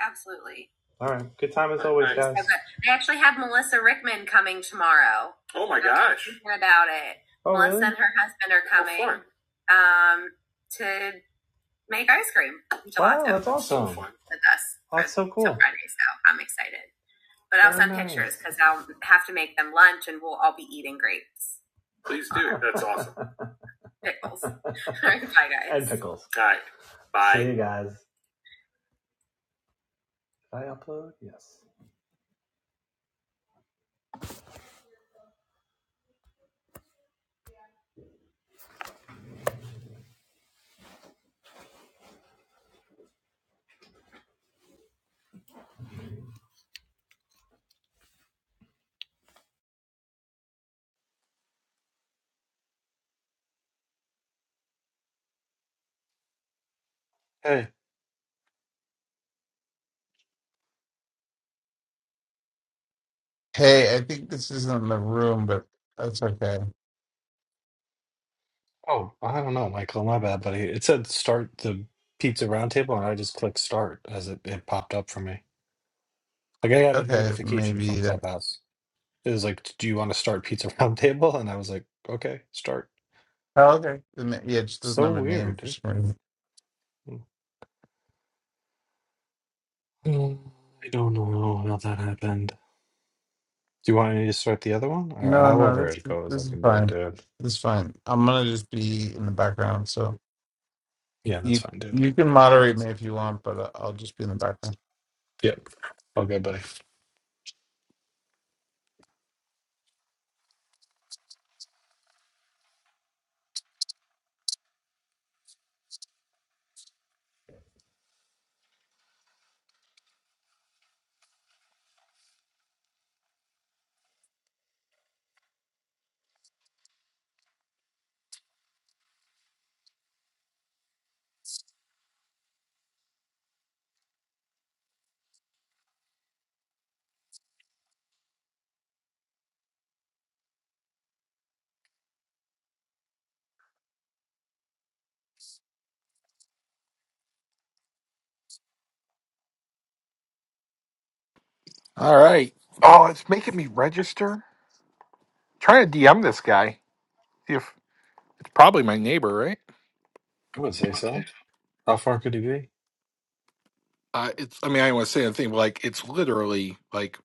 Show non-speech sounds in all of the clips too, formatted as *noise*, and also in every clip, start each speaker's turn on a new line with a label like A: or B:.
A: Absolutely. All right. Good time as always, Nice. guys. Okay. I actually have Melissa Rickman coming tomorrow. Oh my gosh. about it. Oh, Melissa really? and her husband are coming um, to make ice cream Wow, that's So awesome. with us. That's so till cool. Friday, so I'm excited. But I'll send nice. pictures because I'll have to make them lunch and we'll all be eating grapes. Please do. That's *laughs* awesome. Pickles. *laughs* All Pickles. Bye, guys. And pickles. All right. Bye. See you guys. Did I upload? Yes. Hey.
B: Hey, I think this isn't the room, but that's okay.
A: Oh, I don't know, Michael. My bad, buddy. It said start the pizza roundtable, and I just clicked start as it, it popped up for me. Like I got a
B: Okay,
A: notification
B: maybe
A: from
B: that.
A: Clubhouse. It was like, "Do you want to start pizza *laughs* roundtable?" And I was like, "Okay, start."
B: Oh, okay. And it- Yeah, it just doesn't
A: So
B: have a name
A: weird.
B: for
A: dude.
B: some reason.
A: Mm, I don't know how that happened. Do you want me to start the other one, or
B: No, no,
A: however
B: this
A: it goes?
B: this
A: I
B: is
A: can do it,
B: fine.
A: dude.
B: This is fine. I'm gonna just be in the background, so
A: Yeah, that's
B: you
A: fine, dude.
B: you can moderate me if you want, but I- I'll just be in the background.
A: Yep. All good, buddy.
C: All right. Oh, it's making me register. Trying to DM this guy. See if it's probably my neighbor, right?
A: I would say
C: Okay.
A: so. How far could he be?
C: Uh, it's. I mean, I don't want to say anything. But like, it's literally like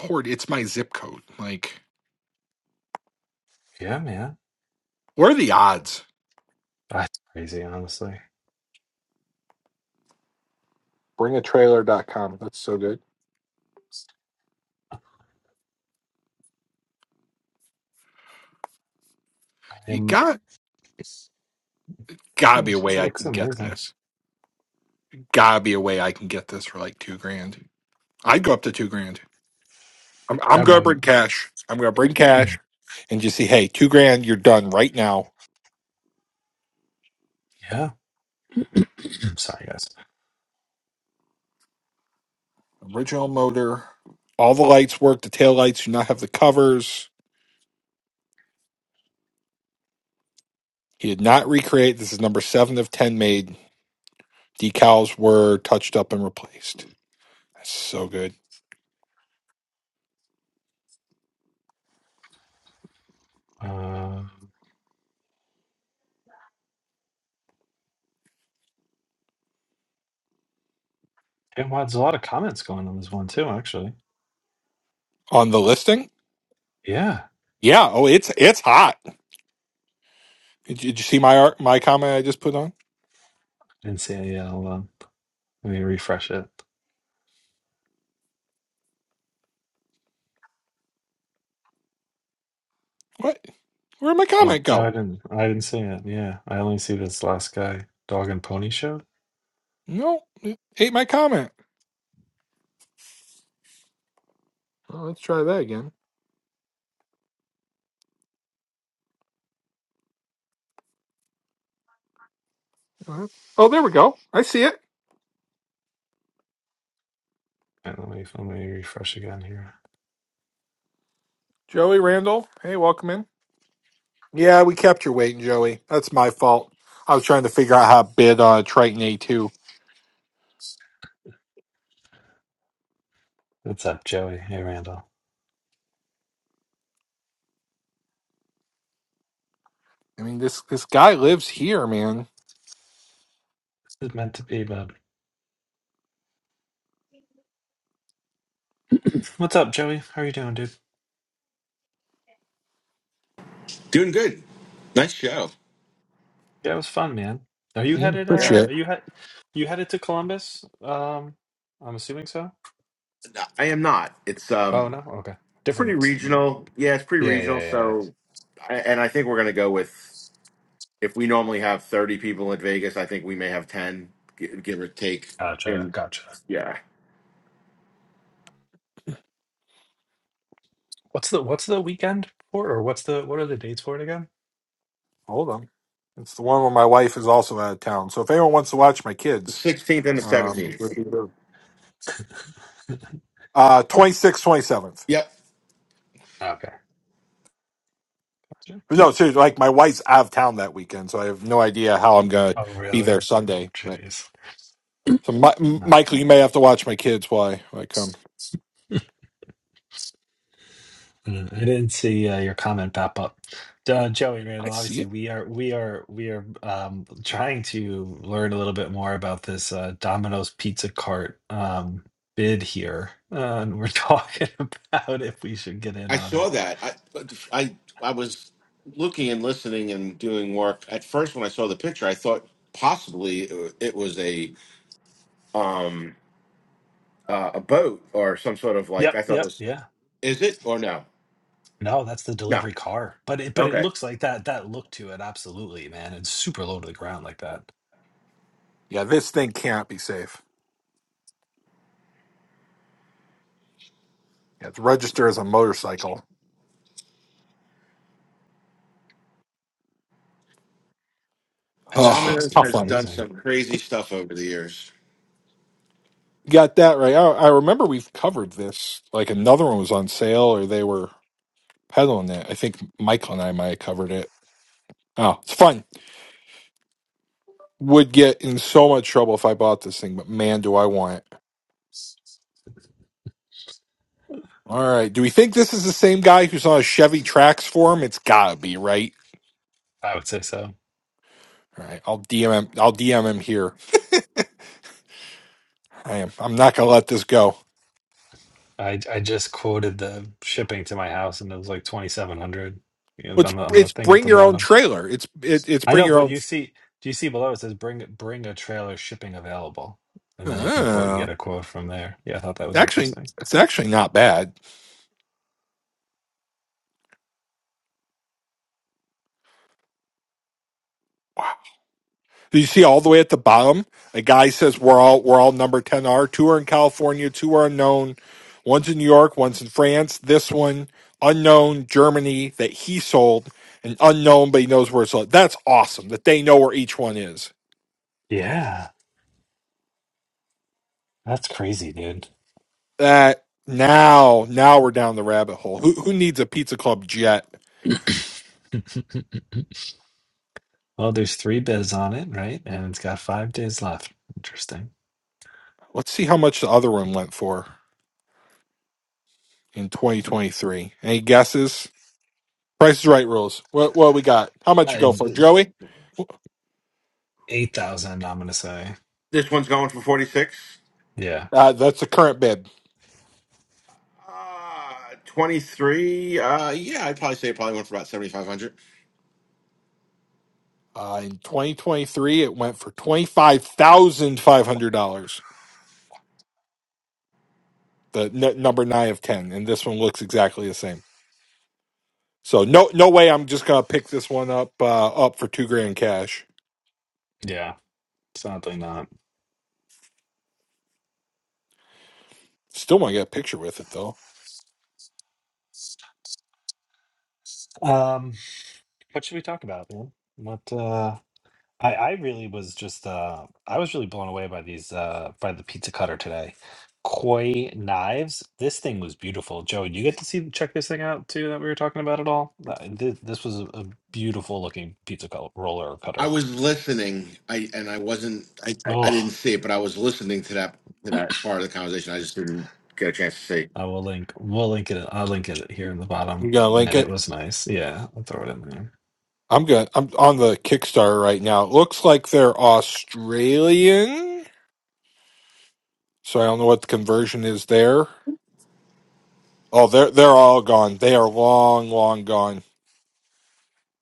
C: poured. It's my zip code. Like,
A: Yeah, man.
C: what are the odds?
A: That's crazy, honestly.
C: bring a trailer dot com. That's so good.
A: I
C: You
A: am.
C: got
A: This
C: gotta be
A: thing
C: a
A: just
C: way I
A: looks
C: can get
A: amazing.
C: this. Gotta be a way I can get this for like two grand. I'd go up to two grand. I'm, I'm
A: I'm,
C: gonna bring
A: I'm-
C: cash. I'm gonna bring cash
A: *clears throat*
C: and just say, hey, two grand. You're done right now.
A: yeah. I'm sorry, guys.
C: Original motor. All the lights work. The tail lights do not have the covers. He did not recreate. This is number seven of ten made. Decals were touched up and replaced. That's so good.
A: Um, damn, wow, there's a lot of comments going on this one too. Actually,
C: On the listing?
A: yeah.
C: Yeah. Oh, it's it's hot. Did, did you see my art, my comment I just put on?
A: I Didn't see it. Yeah, hold on. Let me refresh it.
C: What? Where'd my
A: Oh,
C: comment
A: oh, I
C: go?
A: didn't. I didn't see it. Yeah, I only see this last guy, dog and pony show.
C: No, it ate my comment. Well, let's try that again. Oh, oh, there we go. I see it.
A: Wait, let me let me refresh again here.
C: Joey Randall. Hey, welcome in. Yeah, we kept your waiting, Joey. That's my fault. I was trying to figure out how to bid on a Triton A2.
A: What's up, Joey? Hey, Randall.
C: I mean, this this guy lives here, man.
A: This is meant to be, bud. What's up, Joey? How are you doing, dude?
D: Doing good. Nice show.
A: Yeah, it was fun, man. Are you
C: Yeah,
A: headed
D: Yeah.
A: uh
C: appreciate it.
A: are you head you headed to Columbus? Um I'm assuming so.
D: I am not. It's
A: Oh
D: um
A: no? Okay.
D: pretty
A: Different.
D: regional. Yeah, it's pretty
A: Yeah,
D: regional.
A: yeah, yeah.
D: So, I- and I think we're gonna go with if we normally have thirty people in Vegas, I think we may have ten, gi- give or take.
A: Gotcha,
D: And
A: gotcha.
D: yeah,
A: What's the what's the weekend for or what's the what are the dates for it again?
C: Hold on. It's the one where my wife is also out of town. So if anyone wants to watch my
D: the
C: kids,
D: sixteenth and the
C: um,
D: seventeenth.
C: *laughs* uh, 26th, 27th.
D: Yep,
A: Okay.
C: No, seriously, like my wife's out of town that weekend, so I have no idea how I'm gonna
A: Oh
C: be there
A: really? Oh
C: Sunday. But
A: jeez.
C: so, my, M- Michael, you may have to watch my kids while I, while I come.
A: Uh, I didn't see uh, your comment pop up, uh, Joey
C: I
A: Randall.
C: see
A: Obviously,
C: it.
A: we are we are we are um, trying to learn a little bit more about this uh, Domino's pizza cart um, bid here, uh, and we're *laughs* talking about if we should get in
D: I
A: on
D: saw
A: it.
D: that. I I I was looking and listening and doing work. At first, when I saw the picture, I thought possibly it was a Um, uh, a boat or some sort of like.
A: Yep,
D: I thought it
A: yep,
D: was
A: yeah.
D: Is it or no?
A: No, that's the
D: No.
A: delivery car, but it but it
D: Okay.
A: looks like that that look to it absolutely, man. It's super low to the ground like that.
C: Yeah, this thing can't be safe. Yeah, it's registered as a motorcycle.
A: It just
C: Oh,
A: looks
D: Domino's
C: how
D: has
C: funny.
D: done
A: amazing.
D: some crazy stuff over the years.
C: You got that right. I, I remember we've covered this. Like another one was on sale, or they were peddling it. I think Michael and I might have covered it. Oh, it's fun. Would get in so much trouble if I bought this thing, but man, do I want it. All right. Do we think this is the same guy who's on a Chevy Trax forum? It's gotta be, right?
A: I would say so.
C: All right. I'll DM him. I'll DM him here. I am. I'm not gonna let this go.
A: I I just quoted the shipping to my house and it was like 2700 you know,
C: It's
A: on the on the
C: it's
A: thing at
C: bring
A: the
C: your own
A: bottom.
C: trailer. It's it, it's
A: I
C: bring
A: know,
C: your
A: but
C: own.
A: you see do you see below it says bring bring a trailer shipping available and then you can quote
C: Uh,
A: get a quote from there. Yeah, I thought that was
C: actually,
A: interesting.
C: it's actually not bad. Wow. You see all the way at the bottom, a guy says we're all we're all number 10 Are Two are in California, two are unknown. One's in New York, one's in France. This one, unknown, Germany, that he sold, and unknown, but he knows where it's sold. That's awesome that they know where each one is.
A: Yeah, that's crazy, dude.
C: That now, now we're down the rabbit hole. Who who needs a pizza club jet?
A: *laughs* well, there's 3 bids on it, right? And it's got 5 days left. Interesting.
C: Let's see how much the other one went for in 2023. Any guesses? Price is right rules. What what we got? How much you
A: I
C: go for, Joey?
A: 8000 I'm going to say.
D: This one's going for 46.
A: Yeah.
C: Uh, that's the current bid.
D: Uh, 23. Uh, yeah, I'd probably say it probably went for about 7,500.
C: Uh, in 2023, it went for $25,500, the n- number nine of 10. And this one looks exactly the same. So no, no way I'm just going to pick this one up, uh, up for two grand cash.
A: Yeah. Sadly not.
C: Still want to get a picture with it though.
A: Um what should we talk about, man? What uh I, I really was just uh I was really blown away by these uh by the pizza cutter today. Koi knives. This thing was beautiful. Joe, did you get to see check this thing out too that we were talking about at all? This, this was a, a beautiful looking pizza cut, roller or
D: I
A: cutter.
D: was listening. I, and I wasn't, I, I, I
A: Oh,
D: didn't see it, but I was listening to that, to that part of the conversation. I just didn't get a chance to see.
A: I will link we'll link it I'll link it here in the
C: I'm
A: bottom.
C: going to link
A: And it
C: it.
A: was nice. Yeah, I'll throw it in there.
C: I'm going to, I'm on the Kickstarter right now. It looks like they're Australian. So I don't know what the conversion is there. Oh, they're, they're all gone. They are long, long gone.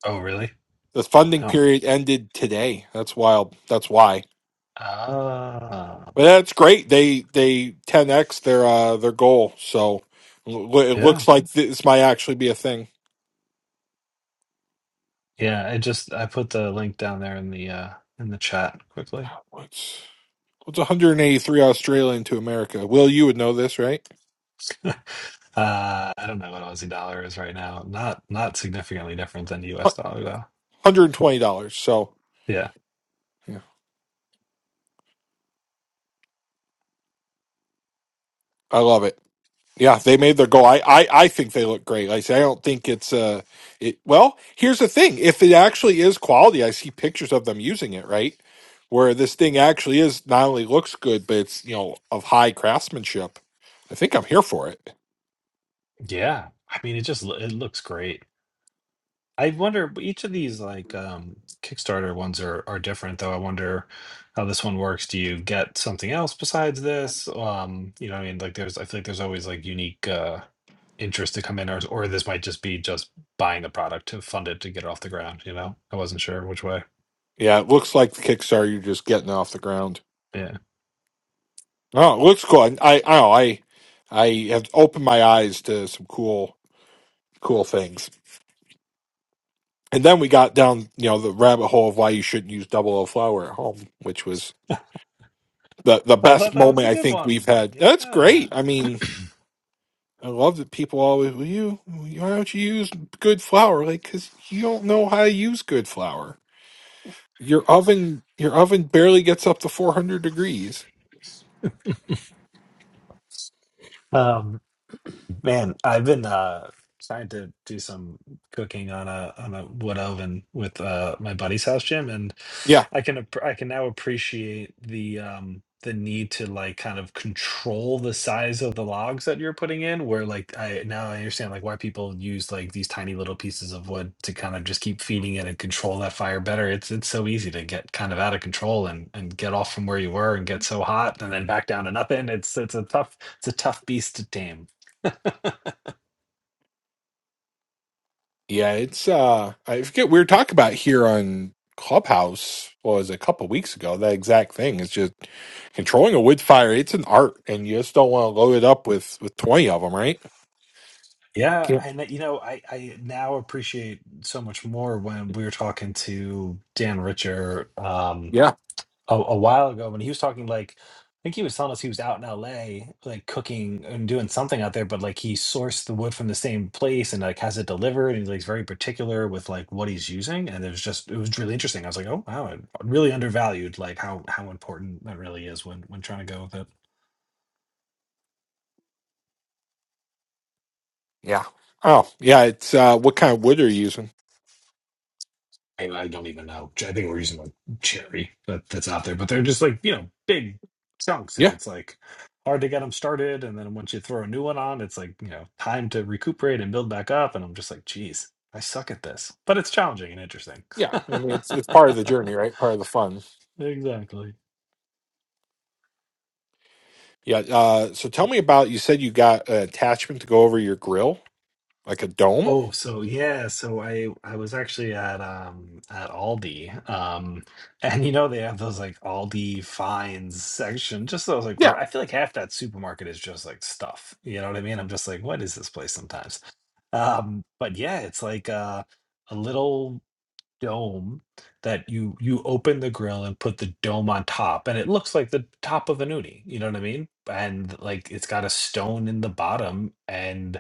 A: Oh really?
C: The funding
A: Wow.
C: period ended today. That's wild. That's why.
A: Ah
C: But that's great. They they 10x their uh their goal. So l- it
A: yeah.
C: looks like this might actually be a thing.
A: Yeah, I just I put the link down there in the uh in the chat quickly.
C: What's what's 183 Australian to America? Will you would know this, right?
A: *laughs* Uh, I don't know what Aussie dollar is right now. Not not significantly different than the US dollar though.
C: $120. So
A: Yeah.
C: yeah. I love it. Yeah, they made their goal. I, I, I think they look great. Like I say I don't think it's uh it well, here's the thing. If it actually is quality, I see pictures of them using it, right? Where this thing actually is not only looks good, but it's you know of high craftsmanship. I think I'm here for it.
A: Yeah. I mean it just lo- it looks great. I wonder but each of these like um Kickstarter ones are are different though. I wonder how this one works. Do you get something else besides this? Um, you know, what I mean like there's I feel like there's always like unique uh interest to come in or or this might just be just buying the product to fund it to get it off the ground, you know? I wasn't sure which way.
C: Yeah, it looks like the Kickstarter you're just getting off the ground.
A: Yeah.
C: Oh, it looks cool. I I I know, I, I have opened my eyes to some cool cool things. And then we got down, you know, the rabbit hole of why you shouldn't use double O flour at home, which was the the
A: I
C: best
A: thought that was
C: moment
A: a
C: I
A: good
C: think we've
A: one.
C: had. That's
A: Yeah.
C: great. I mean, I love that people always, well, you, why don't you use good flour? Like, because you don't know how to use good flour. Your oven, your oven barely gets up to 400 degrees.
A: Um, Man, I've been uh trying to do some cooking on a on a wood oven with uh my buddy's house gym and
C: Yeah.
A: I can app- I can now appreciate the um the need to like kind of control the size of the logs that you're putting in where like I now I understand like why people use like these tiny little pieces of wood to kind of just keep feeding it and control that fire better. It's it's so easy to get kind of out of control and and get off from where you were and get so hot and then back down to nothing. It's it's a tough it's a tough beast to tame.
C: Yeah. It's, uh, I forget, we were talking about here on Clubhouse, well, it was a couple weeks ago, that exact thing. It's just controlling a wood fire. It's an art, and you just don't want to load it up with, with 20 of them, right?
A: Yeah,
C: Yeah.
A: and uh, you know, I I now appreciate so much more when we were talking to Dan Richer um
C: Yeah.
A: a, a while ago when he was talking like I think he was telling us he was out in LA like cooking and doing something out there, but like he sourced the wood from the same place and like has it delivered and he's like very particular with like what he's using and it was just it was really interesting. I was like, oh wow, I really undervalued like how how important that really is when when trying to go with it.
C: Yeah. Oh, yeah. It's, uh, what kind of wood are you using?
A: I, I don't even know. I think we're using like cherry that, that's out there, but they're just like, you know, big chunks and
C: Yeah.
A: it's like hard to get them started. And then once you throw a new one on, it's like, you know, time to recuperate and build back up. And I'm just like, geez, I suck at this, but it's challenging and interesting.
C: Yeah. I mean, it's, it's part of the
A: *laughs*
C: journey, right? Part of the fun.
A: exactly.
C: Yeah. Uh, so tell me about you said you got an attachment to go over your grill, like a dome.
A: Oh, so yeah, so I I was actually at um at Aldi. Um *laughs* and you know they have those like Aldi finds section. Just those like r-
C: Yeah.
A: I feel like half that supermarket is just like stuff. You know what I mean? I'm just like, what is this place sometimes? Um but yeah, it's like uh a little dome that you you open the grill and put the dome on top and it looks like the top of an uni you know what i mean and like it's got a stone in the bottom and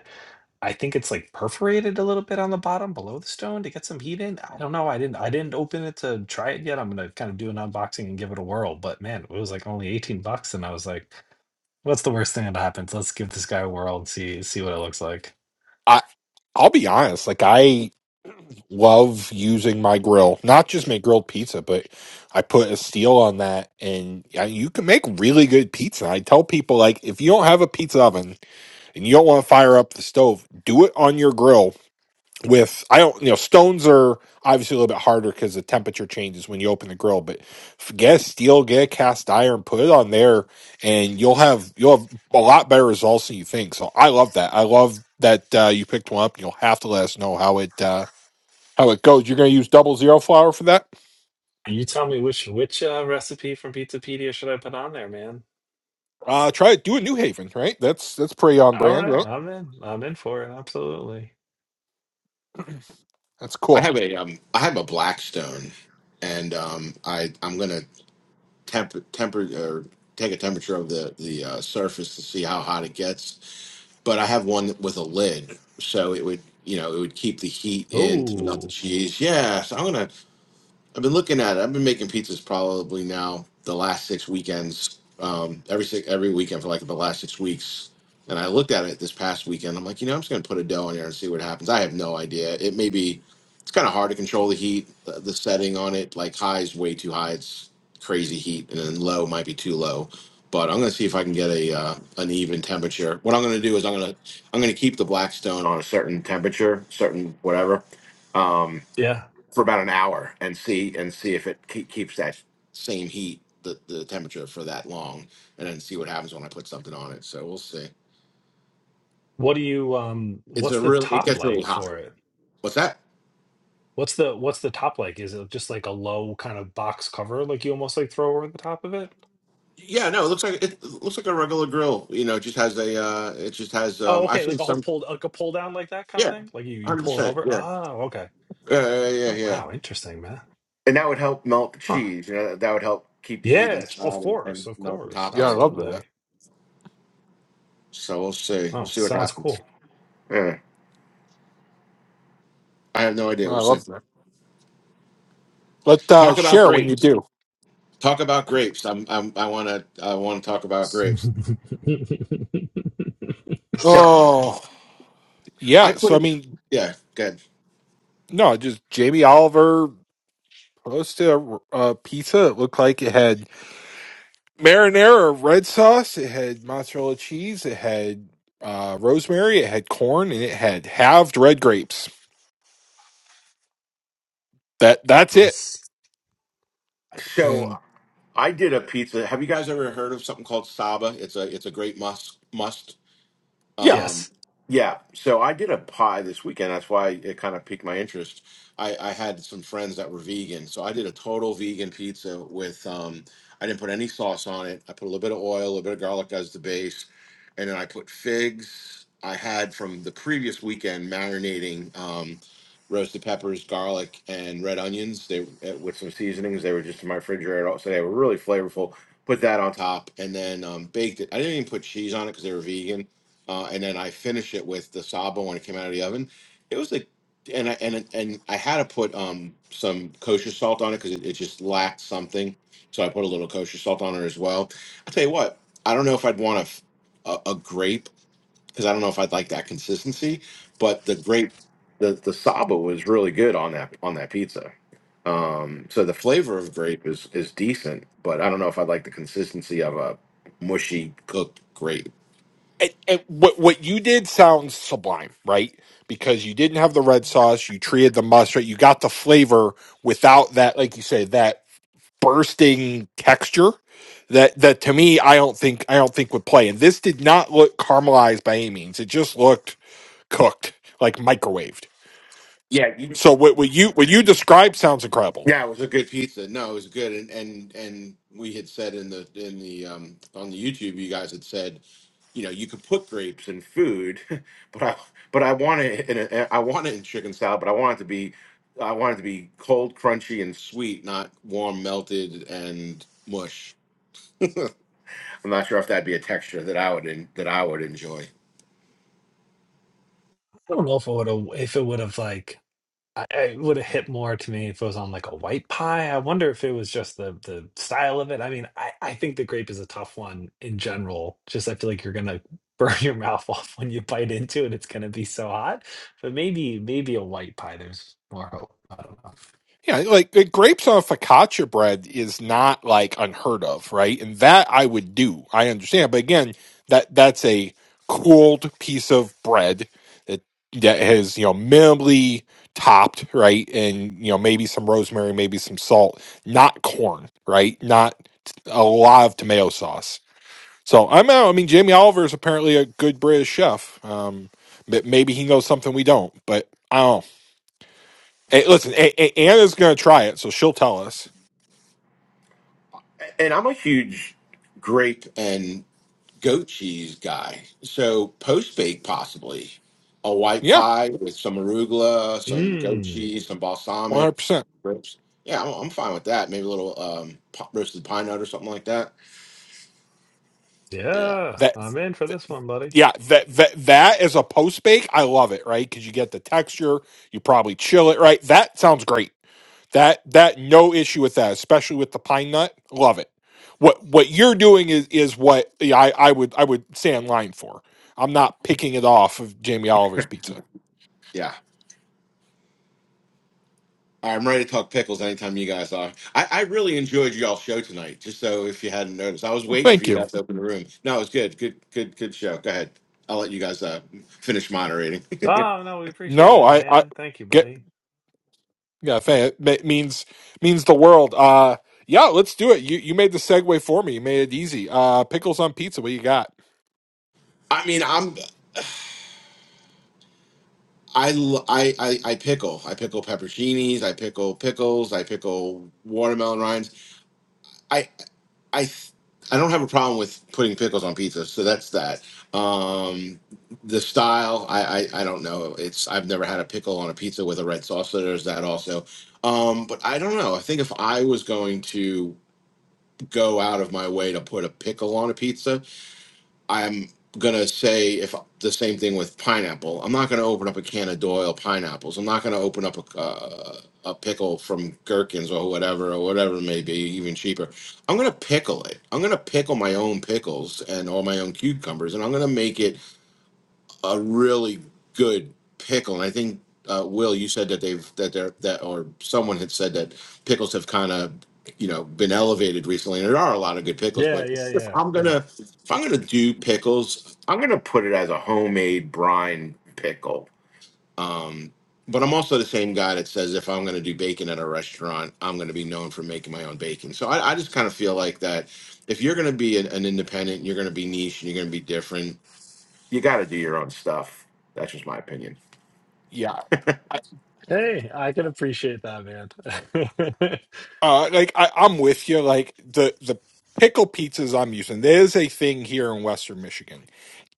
A: i think it's like perforated a little bit on the bottom below the stone to get some heat in i don't know i didn't i didn't open it to try it yet i'm gonna kind of do an unboxing and give it a whirl but man it was like only 18 bucks and i was like what's the worst thing that happens let's give this guy a whirl and see see what it looks like
C: I I'll be honest, like I love using my grill, not just make grilled pizza, but I put a steel on that, and yeah, you can make really good pizza. I tell people like if you don't have a pizza oven and you don't want to fire up the stove, do it on your grill with I don't you know stones are obviously a little bit harder because the temperature changes when you open the grill, but f- get a steel, get a cast iron, put it on there, and you'll have you'll have a lot better results than you think. So I love that. I love that uh, you picked one up. and You'll have to let us know how it uh, how it goes. You're going to use double zero flour for that.
A: And you tell me which which uh, recipe from pizzapedia should i put on there man
C: Uh, try it. Do a New Haven, right? That's that's pretty on
A: All
C: brand,
A: right,
C: right?
A: I'm in. I'm in for it. Absolutely.
C: That's
D: I
C: cool.
D: have a, um, I have a Blackstone and, um, I, I'm going to temper, temper, or take a temperature of the, the, uh, surface to see how hot it gets but I have one with a lid, so it would you know it would keep the heat in to melt the
A: Oh,
D: cheese. Yes, I'm gonna. I've been looking at it. I've been making pizzas probably now the last six weekends, um, every six, every weekend for like the last six weeks. And I looked at it this past weekend. I'm like, you know, I'm just gonna put a dough in here and see what happens. I have no idea. It may be. It's kind of hard to control the heat, the, the setting on it. Like high is way too high. It's crazy heat, and then low might be too low. But I'm gonna see if I can get a uh, an even temperature. What I'm gonna do is I'm gonna I'm gonna keep the blackstone on a certain temperature, certain whatever. Um,
A: yeah.
D: for about an hour and see and see if it ke- keeps that same heat, the, the temperature for that long, and then see what happens when I put something on it. So we'll see.
A: What do you um
D: It's a
A: what's the
D: real. It
A: top
D: gets really
A: like
D: hot.
A: for it?
D: What's that?
A: What's the what's the top like? Is it just like a low kind of box cover like you almost like throw over the top of it?
D: Yeah, no, it looks like it looks like a regular grill. You know, it just has a. Uh, it just has.
A: Oh,
D: Um, I've
A: okay,
D: seen
A: like a whole
D: some.
A: pulled like a pull down like that kind of
D: Yeah,
A: thing? Like you you
D: hundred
A: pull it
D: percent.
A: over?
D: Yeah,
A: Oh, okay.
D: yeah, yeah, yeah.
A: Oh,
D: yeah.
A: wow, interesting, man.
D: And that would help melt the
A: Huh.
D: cheese. You know, that that would help keep the heat
A: Yeah, it's, of
D: inside and,
A: course,
D: and
A: of
D: melt the
A: course.
D: top and
C: Yeah, I love
D: everything.
C: that.
A: Absolutely.
D: So we'll see. We'll
A: Oh,
D: see what
A: sounds
D: happens.
A: cool.
D: Yeah, I have no idea.
C: I
D: We'll see.
C: love that. Let uh,
D: Talk about
C: share when you
D: grapes.
C: do.
D: Talk about grapes. I'm, I'm I want to I want to talk about grapes.
A: *laughs* let
D: No,
C: Oh,
D: I
C: yeah.
D: put
C: So I
D: in
C: mean,
D: yeah, good.
C: no, just Jamie Oliver posted a, a pizza. It looked like it had marinara, red sauce. It had mozzarella cheese. It had uh, rosemary. It had corn, and it had halved red grapes. that that's it and
D: so I did a pizza. Have you guys ever heard of something called Saba? It's a it's a great must must.
C: yeah
D: Um,
A: yes.
D: yeah, so I did a pie this weekend. That's why it kind of piqued my interest. I, I had some friends that were vegan, so I did a total vegan pizza with um, I didn't put any sauce on it. I put a little bit of oil, a little bit of garlic as the base, and then I put figs I had from the previous weekend marinating um, roasted peppers, garlic, and red onions. They eh, with some seasonings. They were just in my refrigerator, so they were really flavorful. Put that on top, and then um, baked it. I didn't even put cheese on it because they were vegan uh, and then I finish it with the sabo when it came out of the oven. It was like, and I and and I had to put um some kosher salt on it because it, it just lacked something. So I put a little kosher salt on it as well. I tell you what, I don't know if I'd want a f- a, a grape because I don't know if I'd like that consistency, but the grape, the the saba was really good on that on that pizza. Um, so the flavor of grape is is decent, but I don't know if I'd like the consistency of a mushy cooked grape.
C: and, and what what you did sounds sublime right because you didn't have the red sauce you treated the mustard you got the flavor without that like you say that bursting texture that that to me i don't think i don't think would play and this did not look caramelized by any means it just looked cooked like microwaved
D: Yeah, you,
C: so what, what you what you described sounds incredible
D: Yeah, it was a good pizza. No, it was good, and and and we had said in the in the um on the YouTube, you guys had said, you know, you could put grapes in food, *laughs* but I but I want it in a, I want it in chicken salad, but I want it to be I want it to be cold, crunchy, and sweet, not warm, melted, and mush. I'm not sure if that'd be a texture that I would in, that I would enjoy.
A: I don't know if it would have if it would have like I, it would have hit more to me if it was on like a white pie. I wonder if it was just the the style of it. I mean, I, I think the grape is a tough one in general. Just I feel like you're gonna *laughs* burn your mouth off when you bite into it. It's gonna be so hot. But maybe maybe a white pie. There's more hope. I don't know.
C: Yeah, like the grapes on focaccia bread is not like unheard of, right? And that I would do. I understand, but again, that that's a cooled piece of bread that that has you know minimally topped, right? And you know maybe some rosemary, maybe some salt, not corn, right? Not a lot of tomato sauce. So I'm out. I mean, Jamie Oliver is apparently a good British chef. Um, but maybe he knows something we don't, but I don't know. Hey, listen, A- A- Anna's going to try it, so she'll tell us.
D: And I'm a huge grape and goat cheese guy. So post bake possibly a white
C: Yeah,
D: pie with some arugula, some goat
A: Mmm.
D: cheese, some
C: one
D: balsamic
C: hundred percent.
D: ribs. Yeah, I'm, I'm fine with that. Maybe a little um, po- roasted pine nut or something like that. Yeah,
A: Yeah,
C: That,
A: I'm in for
C: that-
A: this one, buddy.
C: yeah, that that that is a post bake. I love it, right? Because you get the texture. You probably chill it, right? That sounds great. That that no issue with that, especially with the pine nut. Love it. What what you're doing is is what yeah, I I would I would stay in line for. I'm not picking it off of Jamie Oliver's pizza.
D: yeah. All right, I'm ready to talk pickles anytime you guys are. I, I really enjoyed y'all show tonight. Just so if you hadn't noticed, I was
C: Well,
D: waiting for
C: Thank
D: you
C: you.
D: guys to open the room. No, it was good, good, good, good show. Go ahead. I'll let you guys uh, finish moderating.
A: Oh no, we appreciate
C: No,
A: it,
C: I
A: man. Thank you,
C: I
A: buddy.
C: Yeah, fa- ma- means means the world. Uh, yeah, let's do it. You you made the segue for me. You made it easy. Uh, pickles on pizza. What you got?
D: *laughs* I mean, I'm I, l- I, I, I pickle. I pickle pepperoncinis. I pickle pickles. I pickle watermelon rinds. I, I, th- I don't have a problem with putting pickles on pizza. So that's that. Um, the style, I, I, I don't know. It's I've never had a pickle on a pizza with a red sauce. So there's that also. Um, but I don't know. I think if I was going to go out of my way to put a pickle on a pizza, I'm gonna say if the same thing with pineapple. I'm not gonna open up a can of Doyle pineapples. I'm not gonna open up a uh, a pickle from Gherkins or whatever or whatever it may be, even cheaper. I'm gonna pickle it. I'm gonna pickle my own pickles and all my own cucumbers, and I'm gonna make it a really good pickle. And I think uh, Will, you said that they've that they're that or someone had said that pickles have kind of you know been elevated recently, and there are a lot of good pickles.
A: Yeah,
D: But
A: yeah,
D: if
A: yeah,
D: I'm
A: yeah.
D: gonna if I'm gonna do pickles, I'm gonna put it as a homemade brine pickle. Um, but I'm also the same guy that says if I'm gonna do bacon at a restaurant, I'm gonna be known for making my own bacon. So I, I just kind of feel like that if you're gonna be an, an independent, you're gonna be niche, and you're gonna be different you got to do your own stuff. That's just my opinion.
C: Yeah, I,
A: Hey, I can appreciate that, man. *laughs*
C: uh, like I, I'm with you. Like the the pickle pizzas I'm using. There's a thing here in Western Michigan.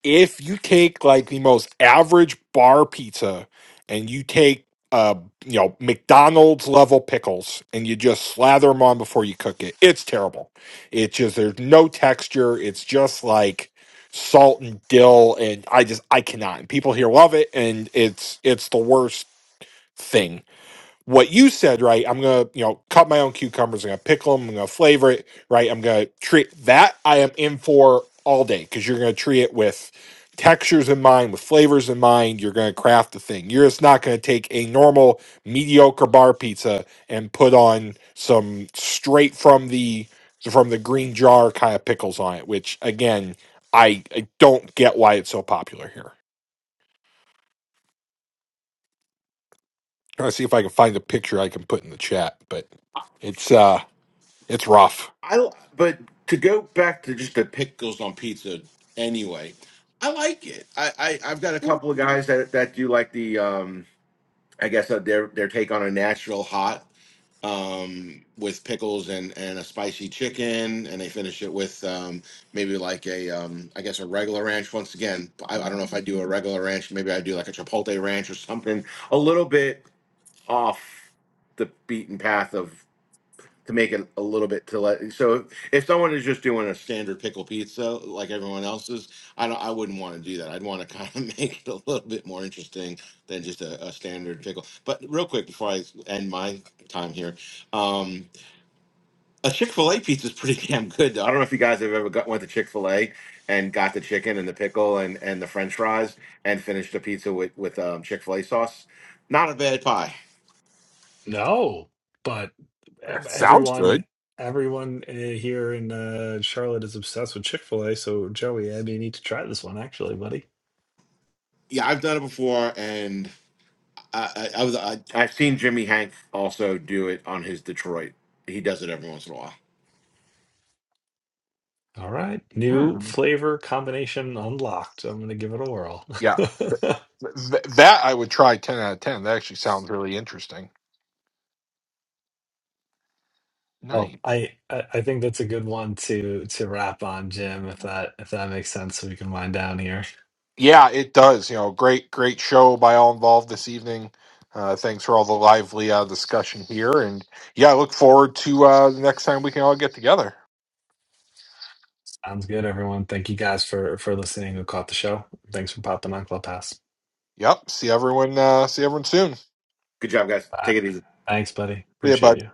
C: if you take like the most average bar pizza and you take uh you know McDonald's level pickles and you just slather them on before you cook it, it's terrible. It's just there's no texture. It's just like salt and dill and I just I cannot. And people here love it and it's it's the worst thing what you said, right? I'm gonna, you know, cut my own cucumbers. I'm gonna pickle them. I'm gonna flavor it, right? I'm gonna treat that. I am in for all day because you're gonna treat it with textures in mind, with flavors in mind. You're gonna craft the thing. You're just not gonna take a normal mediocre bar pizza and put on some straight from the from the green jar kind of pickles on it. Which again, I, I don't get why it's so popular here. Trying to see if I can find a picture I can put in the chat, but it's uh it's rough.
D: I l- but to go back to just the pickles on pizza anyway, I like it. I, I I've got a couple of guys that that do like the um I guess uh, their their take on a natural hot um with pickles and and a spicy chicken and they finish it with um maybe like a um I guess a regular ranch once again I, I don't know if I do a regular ranch maybe I do like a chipotle ranch or something a little bit off the beaten path of to make it a little bit to let so if, someone is just doing a standard pickle pizza like everyone else's i don't i wouldn't want to do that i'd want to kind of *laughs* make it a little bit more interesting than just a, a standard pickle but real quick before i end my time here um a chick-fil-a pizza is pretty *laughs* damn good though. i don't know if you guys have ever got went to chick-fil-a and got the chicken and the pickle and and the french fries and finished the pizza with with um chick-fil-a sauce not a bad pie
A: No, but ev-
C: Sounds
A: everyone,
C: good.
A: everyone uh, here in uh, Charlotte is obsessed with Chick Fil A. So Joey, I may need to try this one actually, buddy.
D: yeah i've done it before and I, I, I was I, I've seen Jimmy Hank also do it on his Detroit. He does it every once in a while.
A: All right, new
C: Hmm.
A: flavor combination unlocked. I'm gonna give it a whirl.
C: Yeah,
A: *laughs*
C: Th- that I would try ten out of ten. That actually sounds really interesting.
A: Well,
C: Nice.
A: I I I think that's a good one to to wrap on, Jim. If that if that makes sense, so we can wind down here.
C: Yeah, it does. You know, great, great show by all involved this evening. Uh, thanks for all the lively uh, discussion here, and yeah, I look forward to uh, the next time we can all get together.
A: Sounds good, everyone. Thank you guys for for listening. Who caught the show? Thanks for popping on Clubhouse.
C: Yep. See everyone. Uh, see everyone soon. See
D: Good job, guys.
A: Bye.
D: Take it easy.
A: Thanks, buddy.
C: ya, bud.
A: Appreciate you.